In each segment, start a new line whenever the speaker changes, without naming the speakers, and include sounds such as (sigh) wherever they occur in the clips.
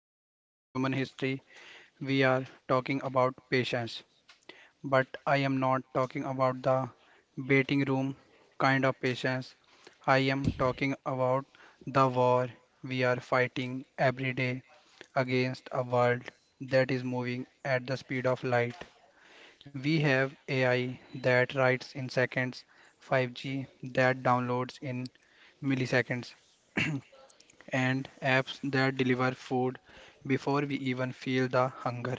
virtue in human history. We are talking about patience, but I am not talking about the waiting room kind of patience. I am talking about the war we are fighting every day against a world that is moving at the speed of light. We have AI that writes in seconds, 5G that downloads in milliseconds, (clears throat) and apps that deliver food before we even feel the hunger.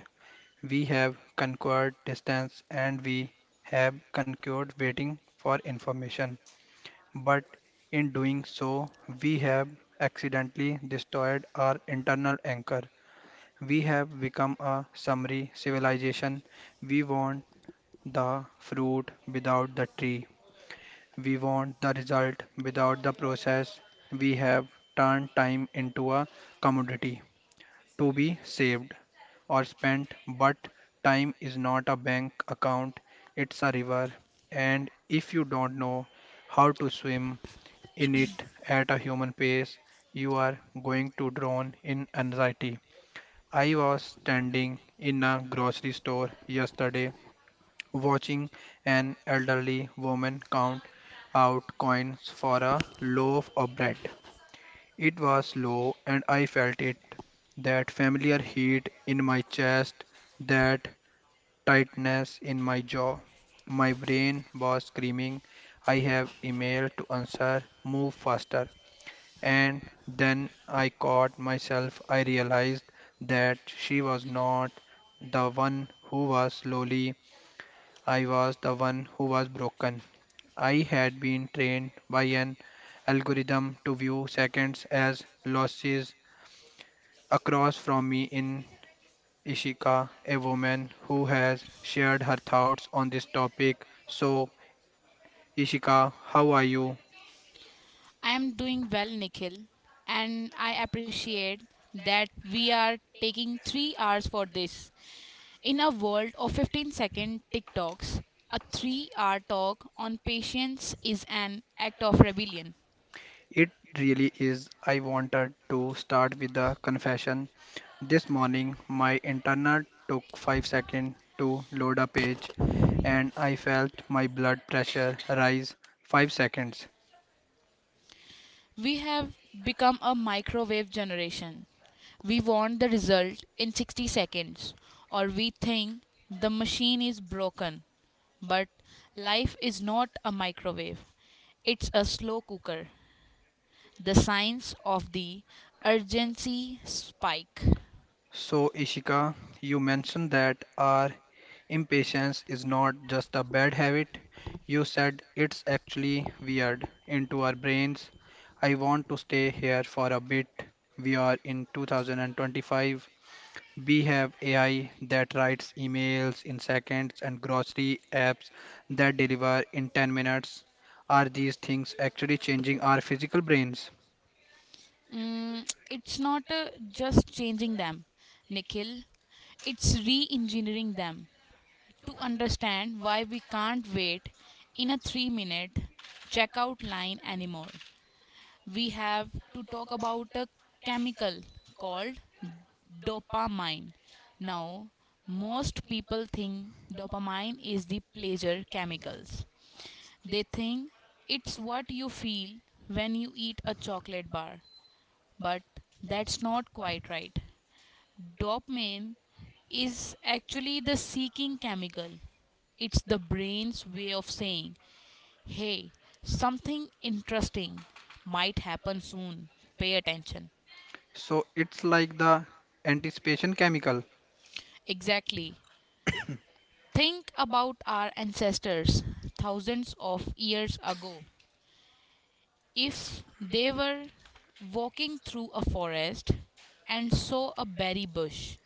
We have conquered distance and we have conquered waiting for information. But in doing so, we have accidentally destroyed our internal anchor. We have become a summary civilization. We want the fruit without the tree. We want the result without the process. We have turned time into a commodity to be saved or spent, but time is not a bank account, it's a river. And if you don't know how to swim in it at a human pace, you are going to drown in anxiety. I was standing in a grocery store yesterday watching an elderly woman count out coins for a loaf of bread. It was low, and I felt it, that familiar heat in my chest, that tightness in my jaw. My brain was screaming, I have email to answer, move faster. And then I caught myself. I realized that she was not the one who was slowly, I was the one who was broken. I had been trained by an algorithm to view seconds as losses. Across from me in Ishika, a woman who has shared her thoughts on this topic. So, Ishika, how are you?
I am doing well, Nikhil, and I appreciate that we are taking 3 hours for this. In a world of 15-second TikToks, a 3 hour talk on patience is an act of rebellion.
It really is. I wanted to start with the confession. This morning, my internet took 5 seconds to load a page and I felt my blood pressure rise. 5 seconds.
We have become a microwave generation. We want the result in 60 seconds, or we think the machine is broken. But life is not a microwave, it's a slow cooker. The signs of the urgency spike.
So, Ishika, you mentioned that our impatience is not just a bad habit. You said it's actually weird into our brains. I want to stay here for a bit. We are in 2025. We have AI that writes emails in seconds and grocery apps that deliver in 10 minutes. Are these things actually changing our physical brains?
It's not just changing them, Nikhil. It's re engineering them to understand why we can't wait in a 3 minute checkout line anymore. We have to talk about a chemical called dopamine. Now, most people think dopamine is the pleasure chemicals. They think it's what you feel when you eat a chocolate bar, but that's not quite right. Dopamine is actually the seeking chemical. It's the brain's way of saying, "Hey, something interesting might happen soon. Pay attention."
So, it's like the anticipation chemical.
Exactly. Think about our ancestors thousands of years ago. If they were walking through a forest and saw a berry bush,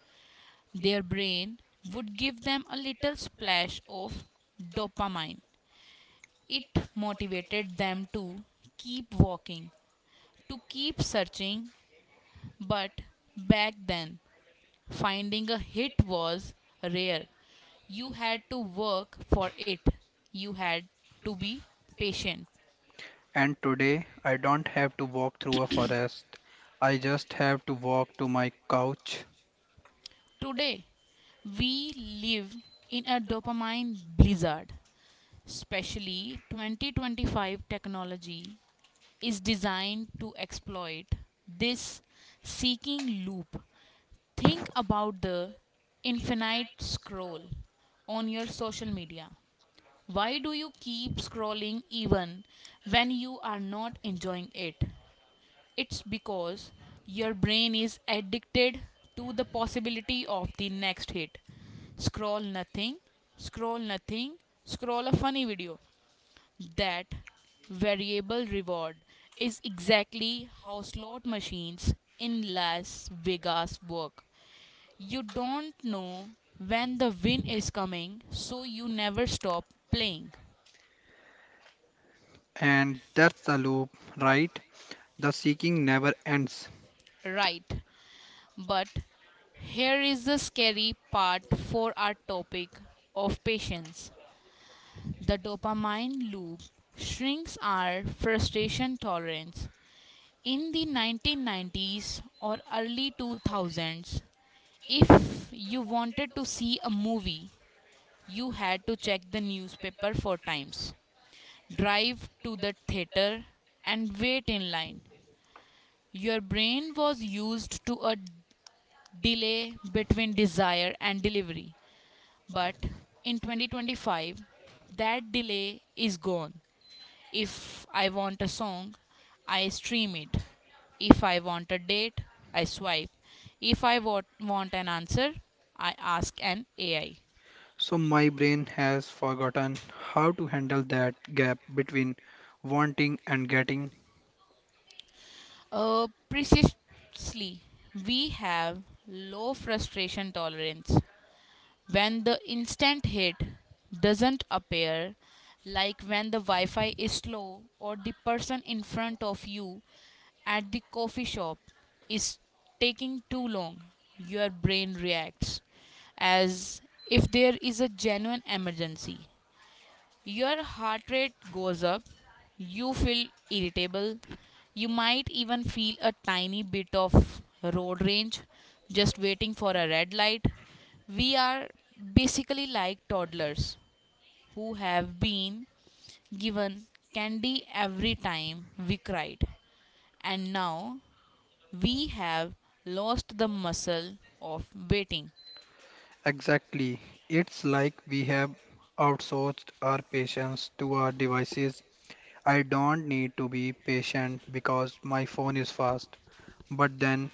their brain would give them a little splash of dopamine. It motivated them to keep walking, to keep searching. But back then, finding a hit was rare. You had to work for it. You had to be patient.
And today I don't have to walk through a forest. I just have to walk to my couch.
Today, we live in a dopamine blizzard. Especially 2025 technology is designed to exploit this seeking loop. Think about the infinite scroll on your social media. Why do you keep scrolling even when you are not enjoying it? It's because your brain is addicted to the possibility of the next hit. Scroll nothing, scroll nothing, scroll a funny video. That variable reward is exactly how slot machines in Las Vegas work. You don't know when the win is coming, so you never stop playing.
And that's the loop, right? The seeking never ends.
Right. But here is the scary part for our topic of patience. The dopamine loop shrinks our frustration tolerance. In the 1990s or early 2000s, if you wanted to see a movie, you had to check the newspaper four times, drive to the theater, and wait in line. Your brain was used to a delay between desire and delivery. But in 2025, that delay is gone. If I want a song, I stream it. If I want a date, I swipe. If I want an answer, I ask an AI.
So my brain has forgotten how to handle that gap between wanting and getting.
Precisely, we have low frustration tolerance. When the instant hit doesn't appear, like when the Wi Fi is slow or the person in front of you at the coffee shop is taking too long, your brain reacts as if there is a genuine emergency. Your heart rate goes up, you feel irritable, you might even feel a tiny bit of road rage just waiting for a red light. We are basically like toddlers who have been given candy every time we cried, and now we have lost the muscle of waiting.
Exactly. It's like we have outsourced our patience to our devices. I don't need to be patient because my phone is fast. But then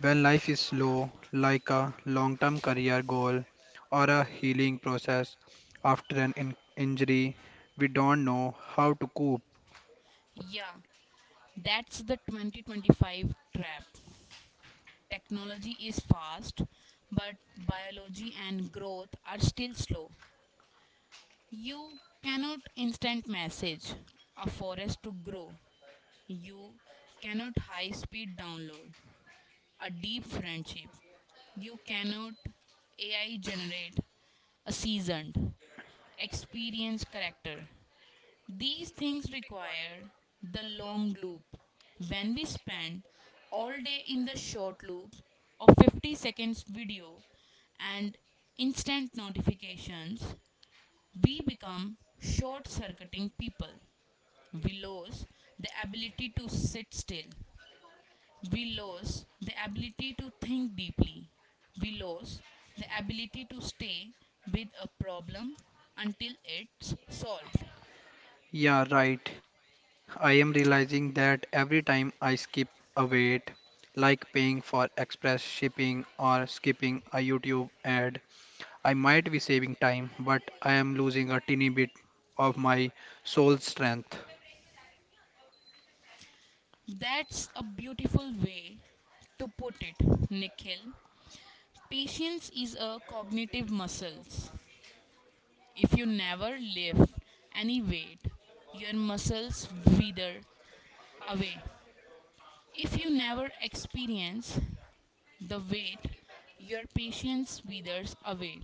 when life is slow, like a long term career goal or a healing process after an injury, we don't know how to cope.
Yeah, that's the 2025 trap. Technology is fast, but biology and growth are still slow. You cannot instant message a forest to grow. You cannot high speed download a deep friendship. You cannot AI generate a seasoned, experienced character. These things require the long loop. When we spend all day in the short loop of 50 seconds video and instant notifications, we become short circuiting people. We lose the ability to sit still. We lose the ability to think deeply. We lose the ability to stay with a problem until it's solved.
Yeah, right. I am realizing that every time I skip a wait, like paying for express shipping or skipping a YouTube ad, I might be saving time, but I am losing a teeny bit of my soul strength.
That's a beautiful way to put it, Nikhil. Patience is a cognitive muscle. If you never lift any weight, your muscles wither away. If you never experience the weight, your patience withers away.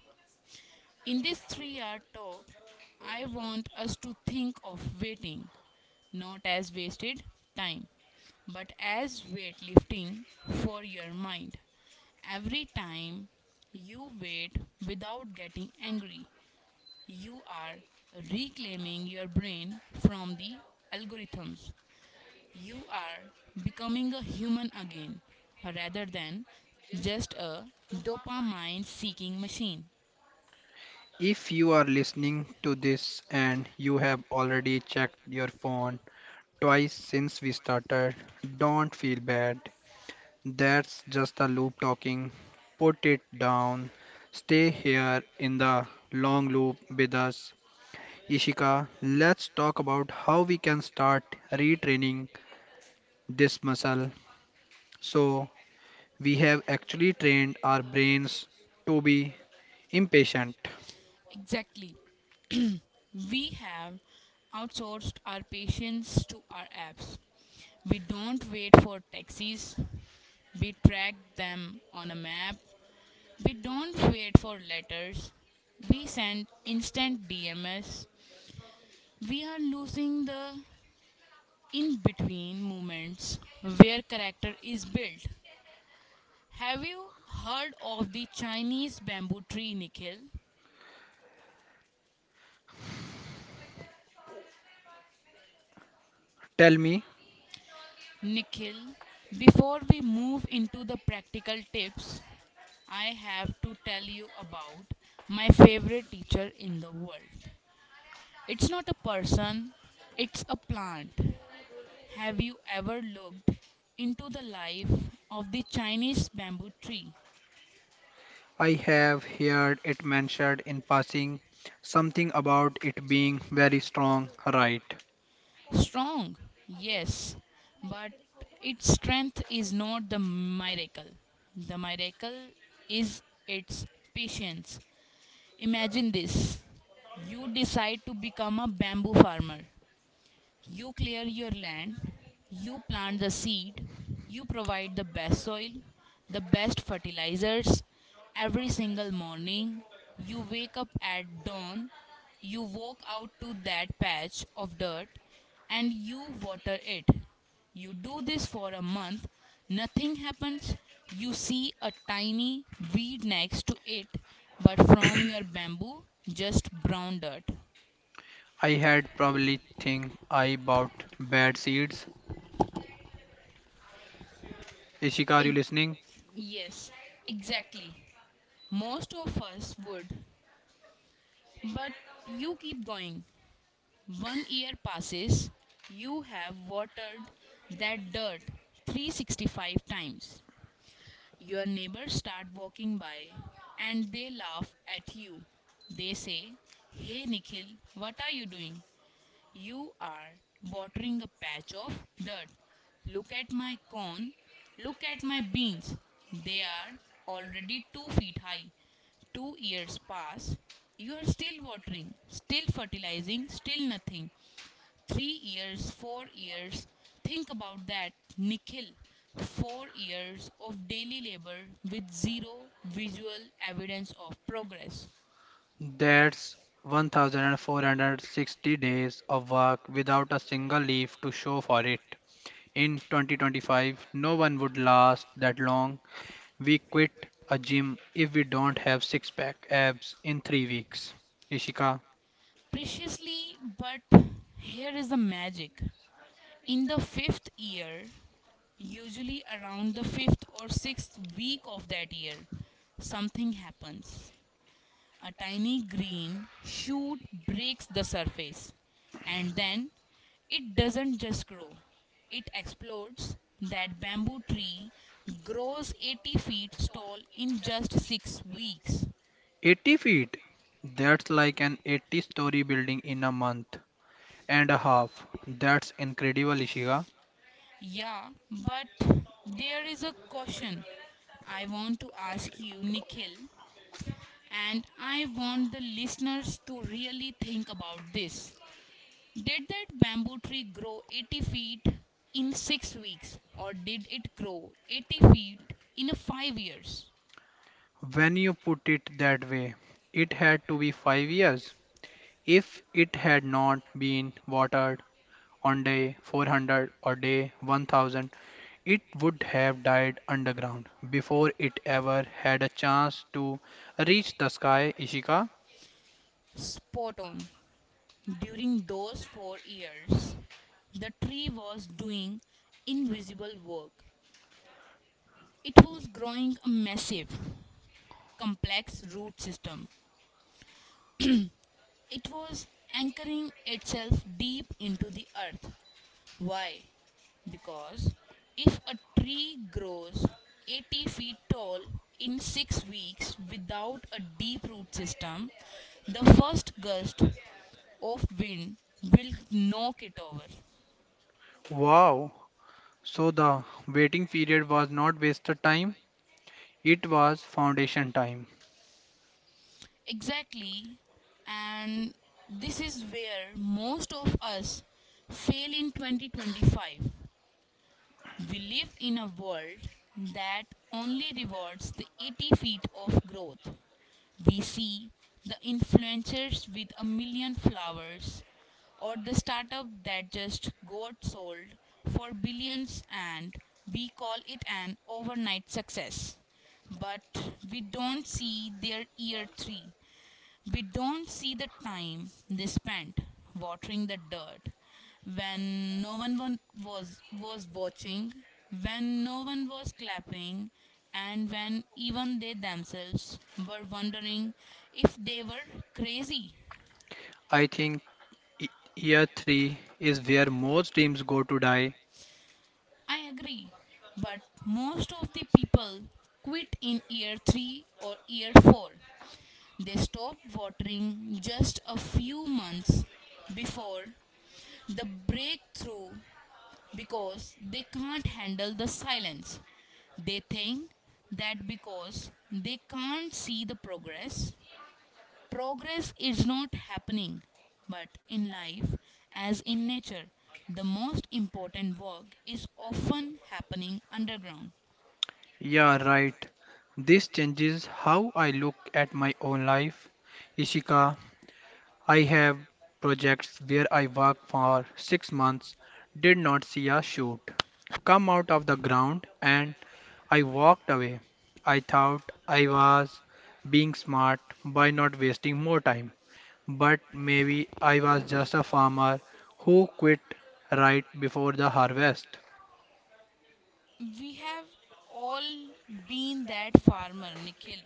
In this 3 hour talk, I want us to think of waiting not as wasted time, but as weightlifting for your mind. Every time you wait without getting angry, you are reclaiming your brain from the algorithms. You are becoming a human again rather than just a dopamine seeking machine.
If you are listening to this and you have already checked your phone twice since we started, don't feel bad. That's just a loop talking. Put it down. Stay here in the long loop with us. Ishika, let's talk about how we can start retraining this muscle. So, we have actually trained our brains to be impatient.
Exactly. We have outsourced our patients to our apps. We don't wait for taxis, we track them on a map. We don't wait for letters, we send instant DMs. We are losing the in between moments where character is built. Have you heard of the Chinese bamboo tree, Nikhil?
Tell me,
Nikhil, before we move into the practical tips, I have to tell you about my favorite teacher in the world. It's not a person, it's a plant. Have you ever looked into the life of the Chinese bamboo tree?
I have heard it mentioned in passing, something about it being very strong, right?
Strong, yes, but its strength is not the miracle. The miracle is its patience. Imagine this: you decide to become a bamboo farmer. You clear your land, you plant the seed, you provide the best soil, the best fertilizers. Every single morning, you wake up at dawn, you walk out to that patch of dirt, and you water it. You do this for a month, nothing happens. You see a tiny weed next to it, but from your bamboo, just brown dirt.
I had probably think I bought bad seeds. Ishika, are you
Ex-
listening?
yes, exactly. Most of us would, but you keep going. 1 year passes, you have watered that dirt 365 times. Your neighbors start walking by and they laugh at you. They say, "Hey Nikhil, what are you doing? You are watering a patch of dirt. Look at my corn. Look at my beans. They are already 2 feet high." 2 years pass. You are still watering, still fertilizing, still nothing. 3 years, 4 years. Think about that, Nikhil. 4 years of daily labor with zero visual evidence of progress.
That's 1460 days of work without a single leaf to show for it. In 2025, no one would last that long. We quit a gym if we don't have six pack abs in 3 weeks. Ishika.
Preciously, but here is the magic. In the fifth year, usually around the fifth or sixth week of that year, something happens. A tiny green shoot breaks the surface, and then it doesn't just grow, it explodes. That bamboo tree grows 80 feet tall in just 6 weeks.
80 feet? That's like an 80-story building in a month and a half. That's incredible, Ishika.
Yeah, but there is a caution. I want to ask you, Nikhil, and I want the listeners to really think about this. Did that bamboo tree grow 80 feet in 6 weeks, or did it grow 80 feet in 5 years?
When you put it that way, it had to be 5 years. If it had not been watered on day 400 or day 1000, it would have died underground before it ever had a chance to reach the sky, Ishika.
Spot on. During those 4 years, the tree was doing invisible work. It was growing a massive, complex root system. It was anchoring itself deep into the earth. Why? Because if a tree grows 80 feet tall in 6 weeks without a deep root system, the first gust of wind will knock it over.
Wow! So the waiting period was not wasted time, it was foundation time.
Exactly, and this is where most of us fail in 2025. We live in a world that only rewards the 80 feet of growth. We see the influencers with a million flowers or the startup that just got sold for billions and we call it an overnight success. But we don't see their year three, we don't see the time they spent watering the dirt when no one was was watching, when no one was clapping, and when even they themselves were wondering if they were crazy.
I think y- year 3 is where most dreams go to die.
I agree, but most of the people quit in year 3 or year 4. They stop watering just a few months before the breakthrough because they can't handle the silence. They think that because they can't see the progress, progress is not happening. But in life, as in nature, the most important work is often happening underground.
Yeah, right. This changes how I look at my own life. Ishika, I have projects where I work for 6 months, did not see a shoot come out of the ground, and I walked away. I thought I was being smart by not wasting more time, but maybe I was just a farmer who quit right before the harvest.
We have all been that farmer, Nikhil.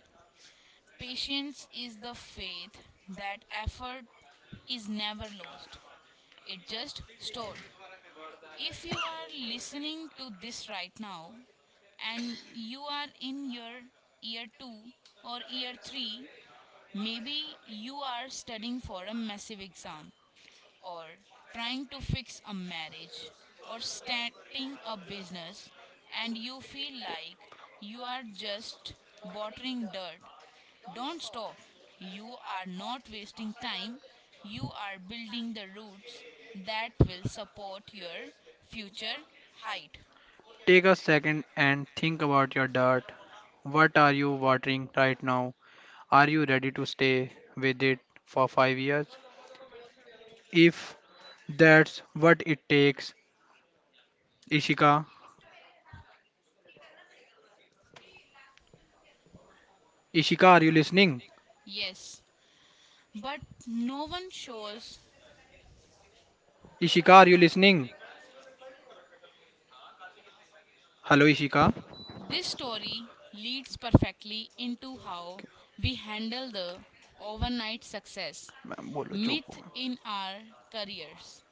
Patience is the faith that effort is never lost, it just stored. If you are listening to this right now and you are in your year 2 or year 3, maybe you are studying for a massive exam or trying to fix a marriage or starting a business and you feel like you are just watering dirt, don't stop. You are not wasting time. You are building the roots that will support your future height.
Take a second and think about your dirt. What are you watering right now? Are you ready to stay with it for 5 years? If that's what it takes, Ishika. Ishika, are you listening?
Yes, but no one shows.
Ishika, are you listening? Hello, Ishika.
This story leads perfectly into how we handle the overnight success
ma'am, बोलो चुप हो.
myth in our careers.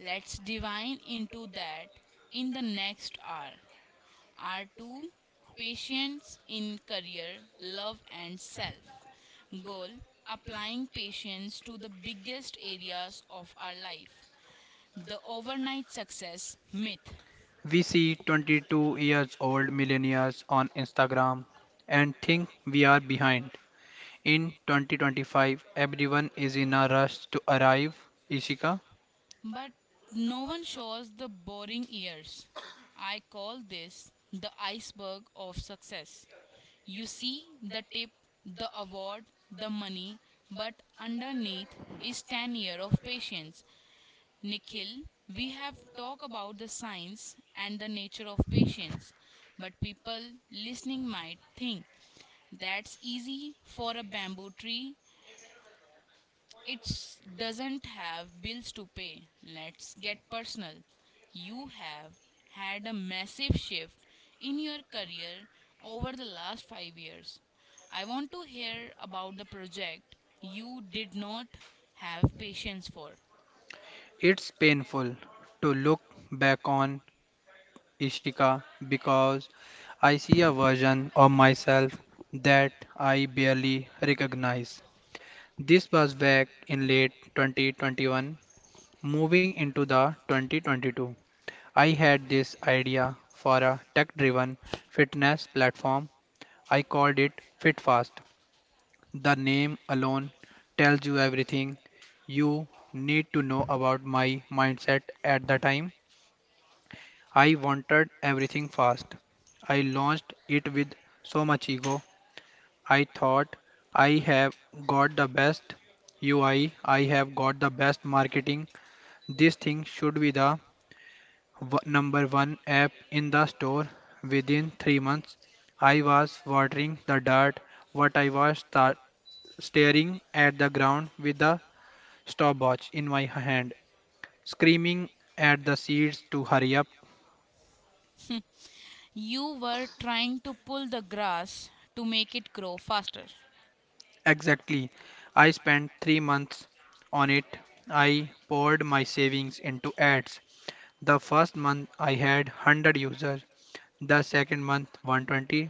Let's divine into that in the next hour. Our two: patience in career, love, and self. Goal: applying patience to the biggest areas of our life. The overnight success myth.
We see 22 years old millionaires on Instagram and think we are behind. In 2025, everyone is in a rush to arrive. Ishika?
But no one shows the boring years. I call this the iceberg of success. You see the tip, the award, the money, but underneath is 10 years of patience. Nikhil, we have talked about the science and the nature of patience, but people listening might think that's easy for a bamboo tree, it doesn't have bills to pay. Let's get personal. You have had a massive shift in your career over the last 5 years. I want to hear about the project you did not have patience for.
It's painful to look back on, Ishika, because I see a version of myself that I barely recognize. This was back in late 2021, moving into the 2022. I had this idea for a tech-driven fitness platform. I called it FitFast. The name alone tells you everything you need to know about my mindset at the time. I wanted everything fast. I launched it with so much ego. I thought I have got the best UI, I have got the best marketing. This thing should be the number one app in the store within 3 months. I was watering the dirt, but I was start staring at the ground with the stopwatch in my hand, screaming at the seeds to hurry up.
You were trying to pull the grass to make it grow faster.
Exactly. I spent 3 months on it. I poured my savings into ads. The first month I had 100 users, the second month 120,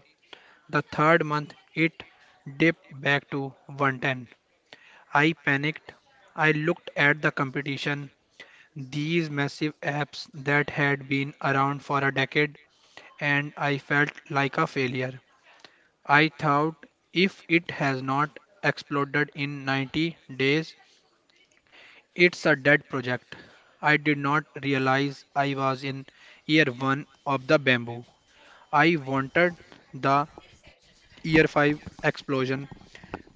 the third month it dipped back to 110. I panicked. I looked at the competition, these massive apps that had been around for a decade, and I felt like a failure. I thought if it has not exploded in 90 days, it's a dead project. I did not realize I was in year 1 of the bamboo. I wanted the year 5 explosion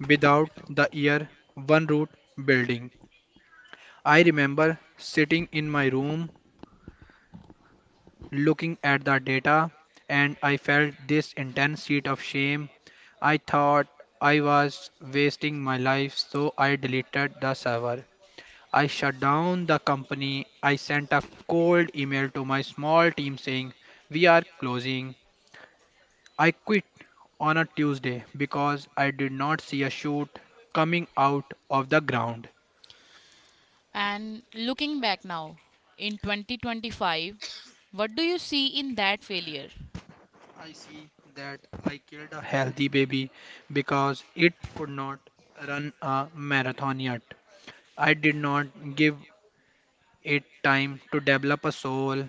without the year 1 root building. I remember sitting in my room looking at the data and I felt this intense heat of shame. I thought I was wasting my life so I deleted the server. I shut down the company. I sent a cold email to my small team saying, we are closing. I quit on a Tuesday because I did not see a shoot coming out of the ground.
And looking back now, in 2025, what do you see in that failure?
I see that I killed a healthy baby because it could not run a marathon yet. I did not give it time to develop a soul.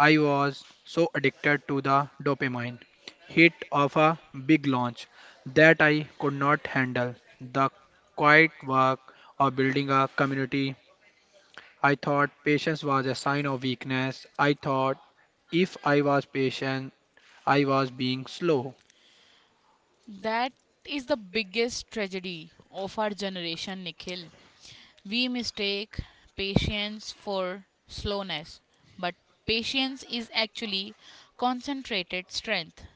I was so addicted to the dopamine hit of a big launch that I could not handle the quiet work of building a community. I thought patience was a sign of weakness. I thought if I was patient, I was being slow.
That is the biggest tragedy of our generation, Nikhil. We mistake patience for slowness, but patience is actually concentrated strength.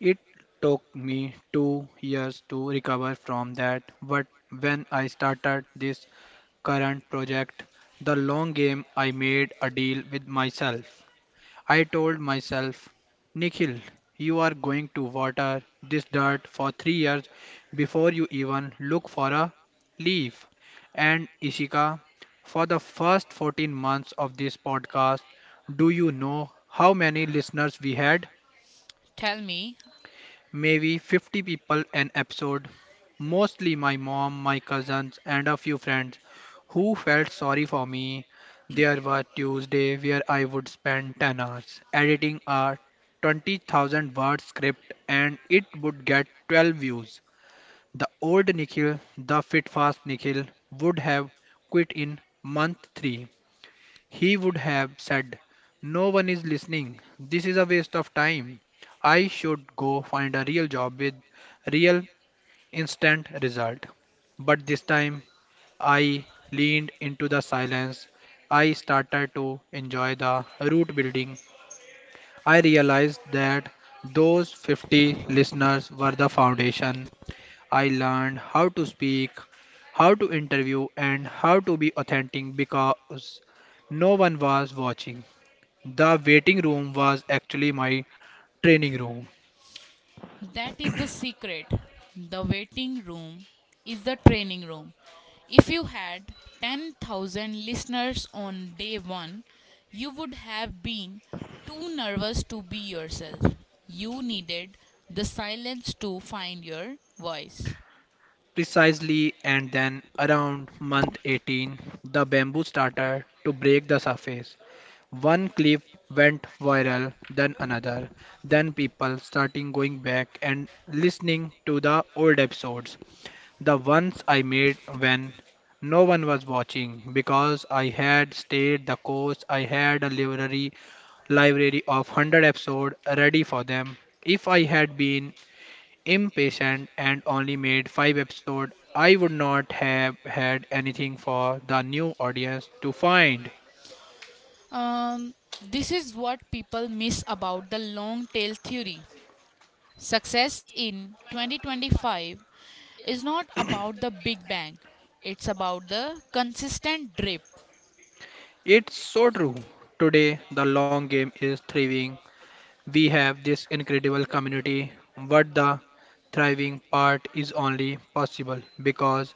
It took me 2 years to recover from that, but when I started this current project, The Long Game, I made a deal with myself. I told myself, Nikhil, you are going to water this dirt for 3 years before you even look for a leaf. And Ishika, for the first 14 months of this podcast, do you know how many listeners we had?
Tell me.
Maybe 50 people an episode, mostly my mom, my cousins, and a few friends who felt sorry for me. There were Tuesday where I would spend 10 hours editing a 20,000 word script and it would get 12 views. The old Nikhil, the fit fast Nikhil, would have quit in month 3. He would have said, no one is listening. This is a waste of time. I should go find a real job with real instant result. But this time I leaned into the silence. I started to enjoy the root building. I realized that those 50 listeners were the foundation. I learned how to speak, how to interview, and how to be authentic because no one was watching. The waiting room was actually my training room.
That is the secret. The waiting room is the training room. If you had 10,000 listeners on day one, you would have been too nervous to be yourself. You needed the silence to find your voice.
Precisely, and then around month 18, the bamboo started to break the surface. One clip went viral, then another. Then people starting going back and listening to the old episodes, the ones I made when no one was watching because I had stayed the course. I had a library of 100 episodes ready for them. If I had been impatient and only made 5 episodes, I would not have had anything for the new audience to find.
Um, this is what people miss about the long tail theory. Success in 2025 is not about the big bang, it's about the consistent drip.
It's so true. Today, The Long Game is thriving. We have this incredible community, but the thriving part is only possible because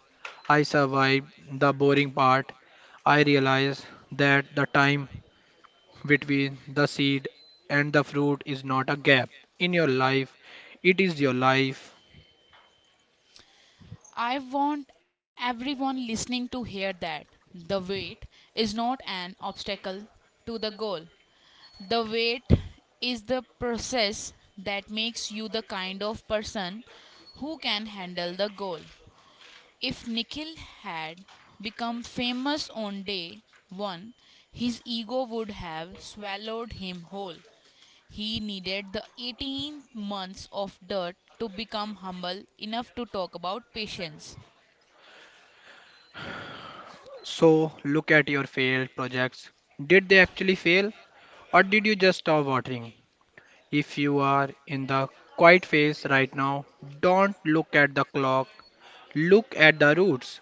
I survived the boring part. I realize that the time between the seed and the fruit is not a gap in your life, it is your life.
I want everyone listening to hear that. The weight is not an obstacle to the goal. The weight is the process that makes you the kind of person who can handle the goal. If Nikhil had become famous on day one, his ego would have swallowed him whole. He needed the 18 months of dirt to become humble enough to talk about patience.
So, look at your failed projects. Did they actually fail, or did you just stop watering? If you are in the quiet phase right now, don't look at the clock, look at the roots.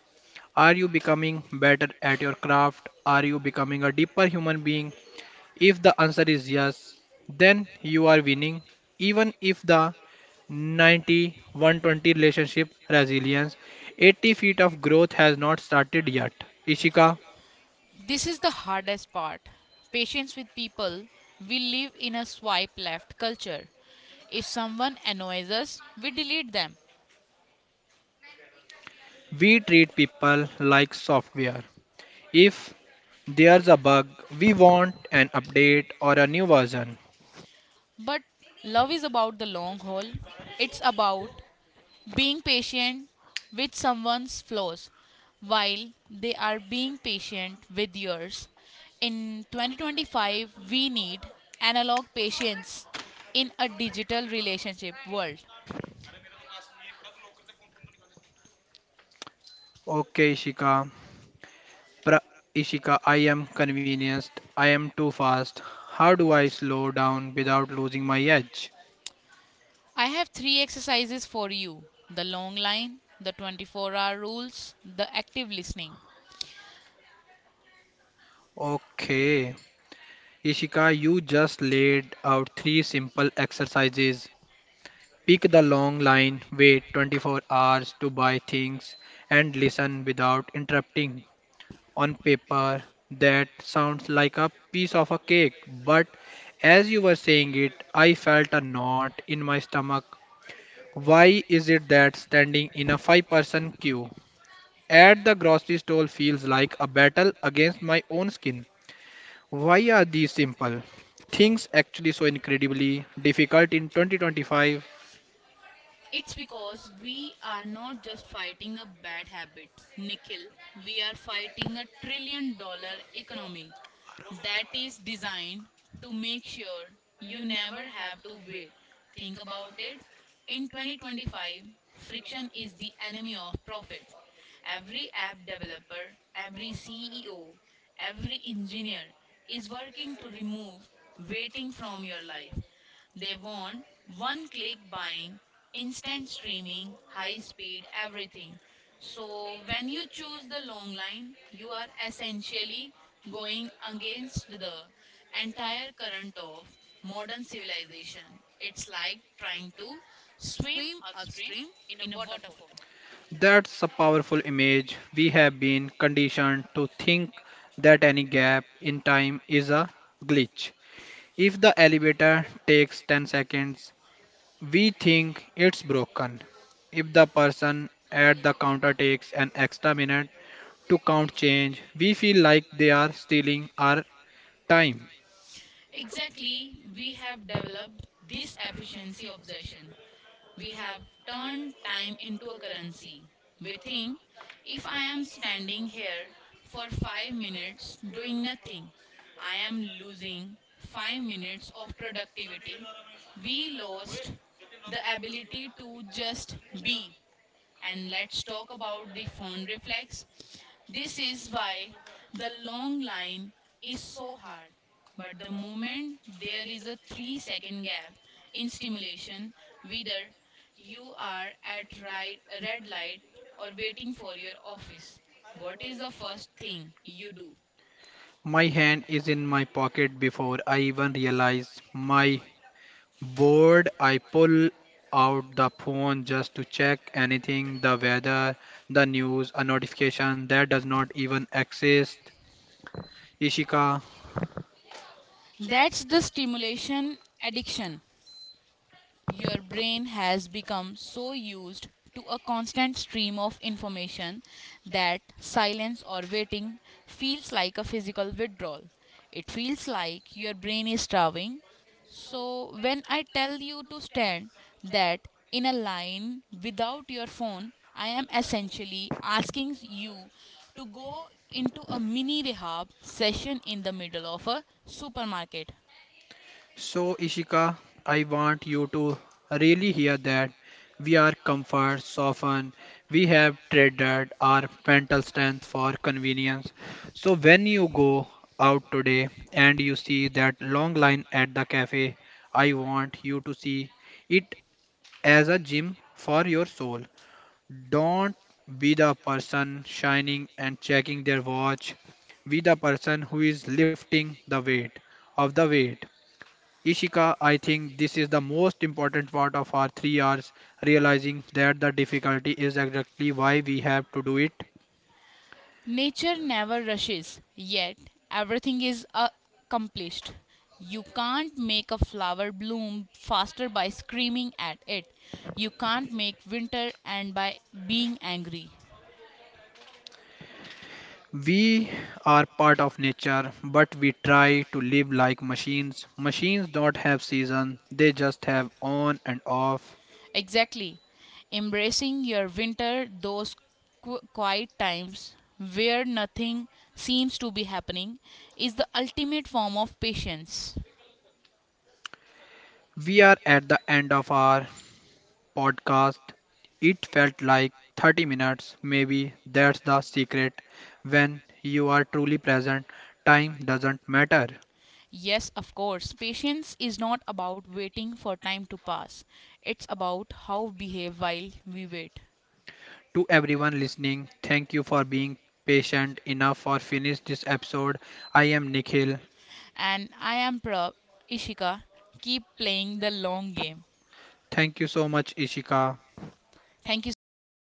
Are you becoming better at your craft? Are you becoming a deeper human being? If the answer is yes, then you are winning. Even if the 90 120 relationship resilience 80 feet of growth has not started yet. Ishika,
This is the hardest part: patience with people. We live in a swipe left culture. If someone annoys us, we delete them.
we treat people like software. If there's a bug, we want an update or a new version.
But love is about the long haul. It's about being patient with someone's flaws while they are being patient with yours. In 2025, we need analog patience in a digital relationship world.
Okay, Ishika. Pra- Ishika, I am convinced. I am too fast. How do I slow down without losing my edge?
I have three exercises for you: the long line, the 24-hour rules, the active listening.
Okay. Ishika, you just laid out three simple exercises. Pick the long line, wait 24 hours to buy things, and listen without interrupting. On paper, that sounds like a piece of a cake, but as you were saying it, I felt a knot in my stomach. Why is it that standing in a five-person queue at the grocery store feels like a battle against my own skin? Why are these simple things actually so incredibly difficult in 2025?
It's because we are not just fighting a bad habit, Nikhil. We are fighting a trillion-dollar economy that is designed to make sure you never have to wait. Think about it. In 2025, friction is the enemy of profit. Every app developer, every CEO, every engineer is working to remove waiting from your life. They want one click buying, instant streaming, high speed, everything. So when you choose the long line, you are essentially going against the entire current of modern civilization. It's like trying to swim upstream in a waterfall.
That's a powerful image. We have been conditioned to think that any gap in time is a glitch. If the elevator takes 10 seconds, we think it's broken. If the person at the counter takes an extra minute to count change, we feel like they are stealing our time.
Exactly, we have developed this efficiency obsession. We have turned time into a currency. We think if I am standing here for 5 minutes doing nothing, I am losing 5 minutes of productivity. We lost the ability to just be. And let's talk about the phone reflex. This is why the long line is so hard. But the moment there is a 3-second gap in stimulation, whether you are at right, red light or waiting for your office, what is the first thing you do?
My hand is in my pocket before I even realize my board. I pull out the phone just to check anything, the weather, the news, a notification that does not even exist. Ishika,
That's the stimulation addiction. Your brain has become so used to a constant stream of information that silence or waiting feels like a physical withdrawal. It feels like your brain is starving. So, when I tell you to stand that in a line without your phone, I am essentially asking you to go into a mini rehab session in the middle of a supermarket.
so, Ishika, I want you to really hear that we are comfort soften. We have traded our mental strength for convenience. So, when you go out today and you see that long line at the cafe, I want you to see it as a gym for your soul. Don't be the person shining and checking their watch. Be the person who is lifting the weight of the weight. Ishika, I think this is the most important part of our 3 hours, realizing that the difficulty is exactly why we have to do it.
Nature never rushes, yet everything is accomplished. You can't make a flower bloom faster by screaming at it. You can't make winter end by being angry.
We are part of nature, but we try to live like machines. Machines don't have season, they just have on and off.
Exactly. Embracing your winter, those quiet times where nothing seems to be happening, is the ultimate form of patience.
We are at the end of our podcast. It felt like 30 minutes, maybe that's the secret. When you are truly present, time doesn't matter.
Yes, of course. Patience is not about waiting for time to pass. It's about how we behave while we wait.
To everyone listening, thank you for being patient enough for finish this episode. I am Nikhil.
And I am Prab Ishika. Keep playing the long game.
Thank you so much Ishika.
Thank you so much, Nikki.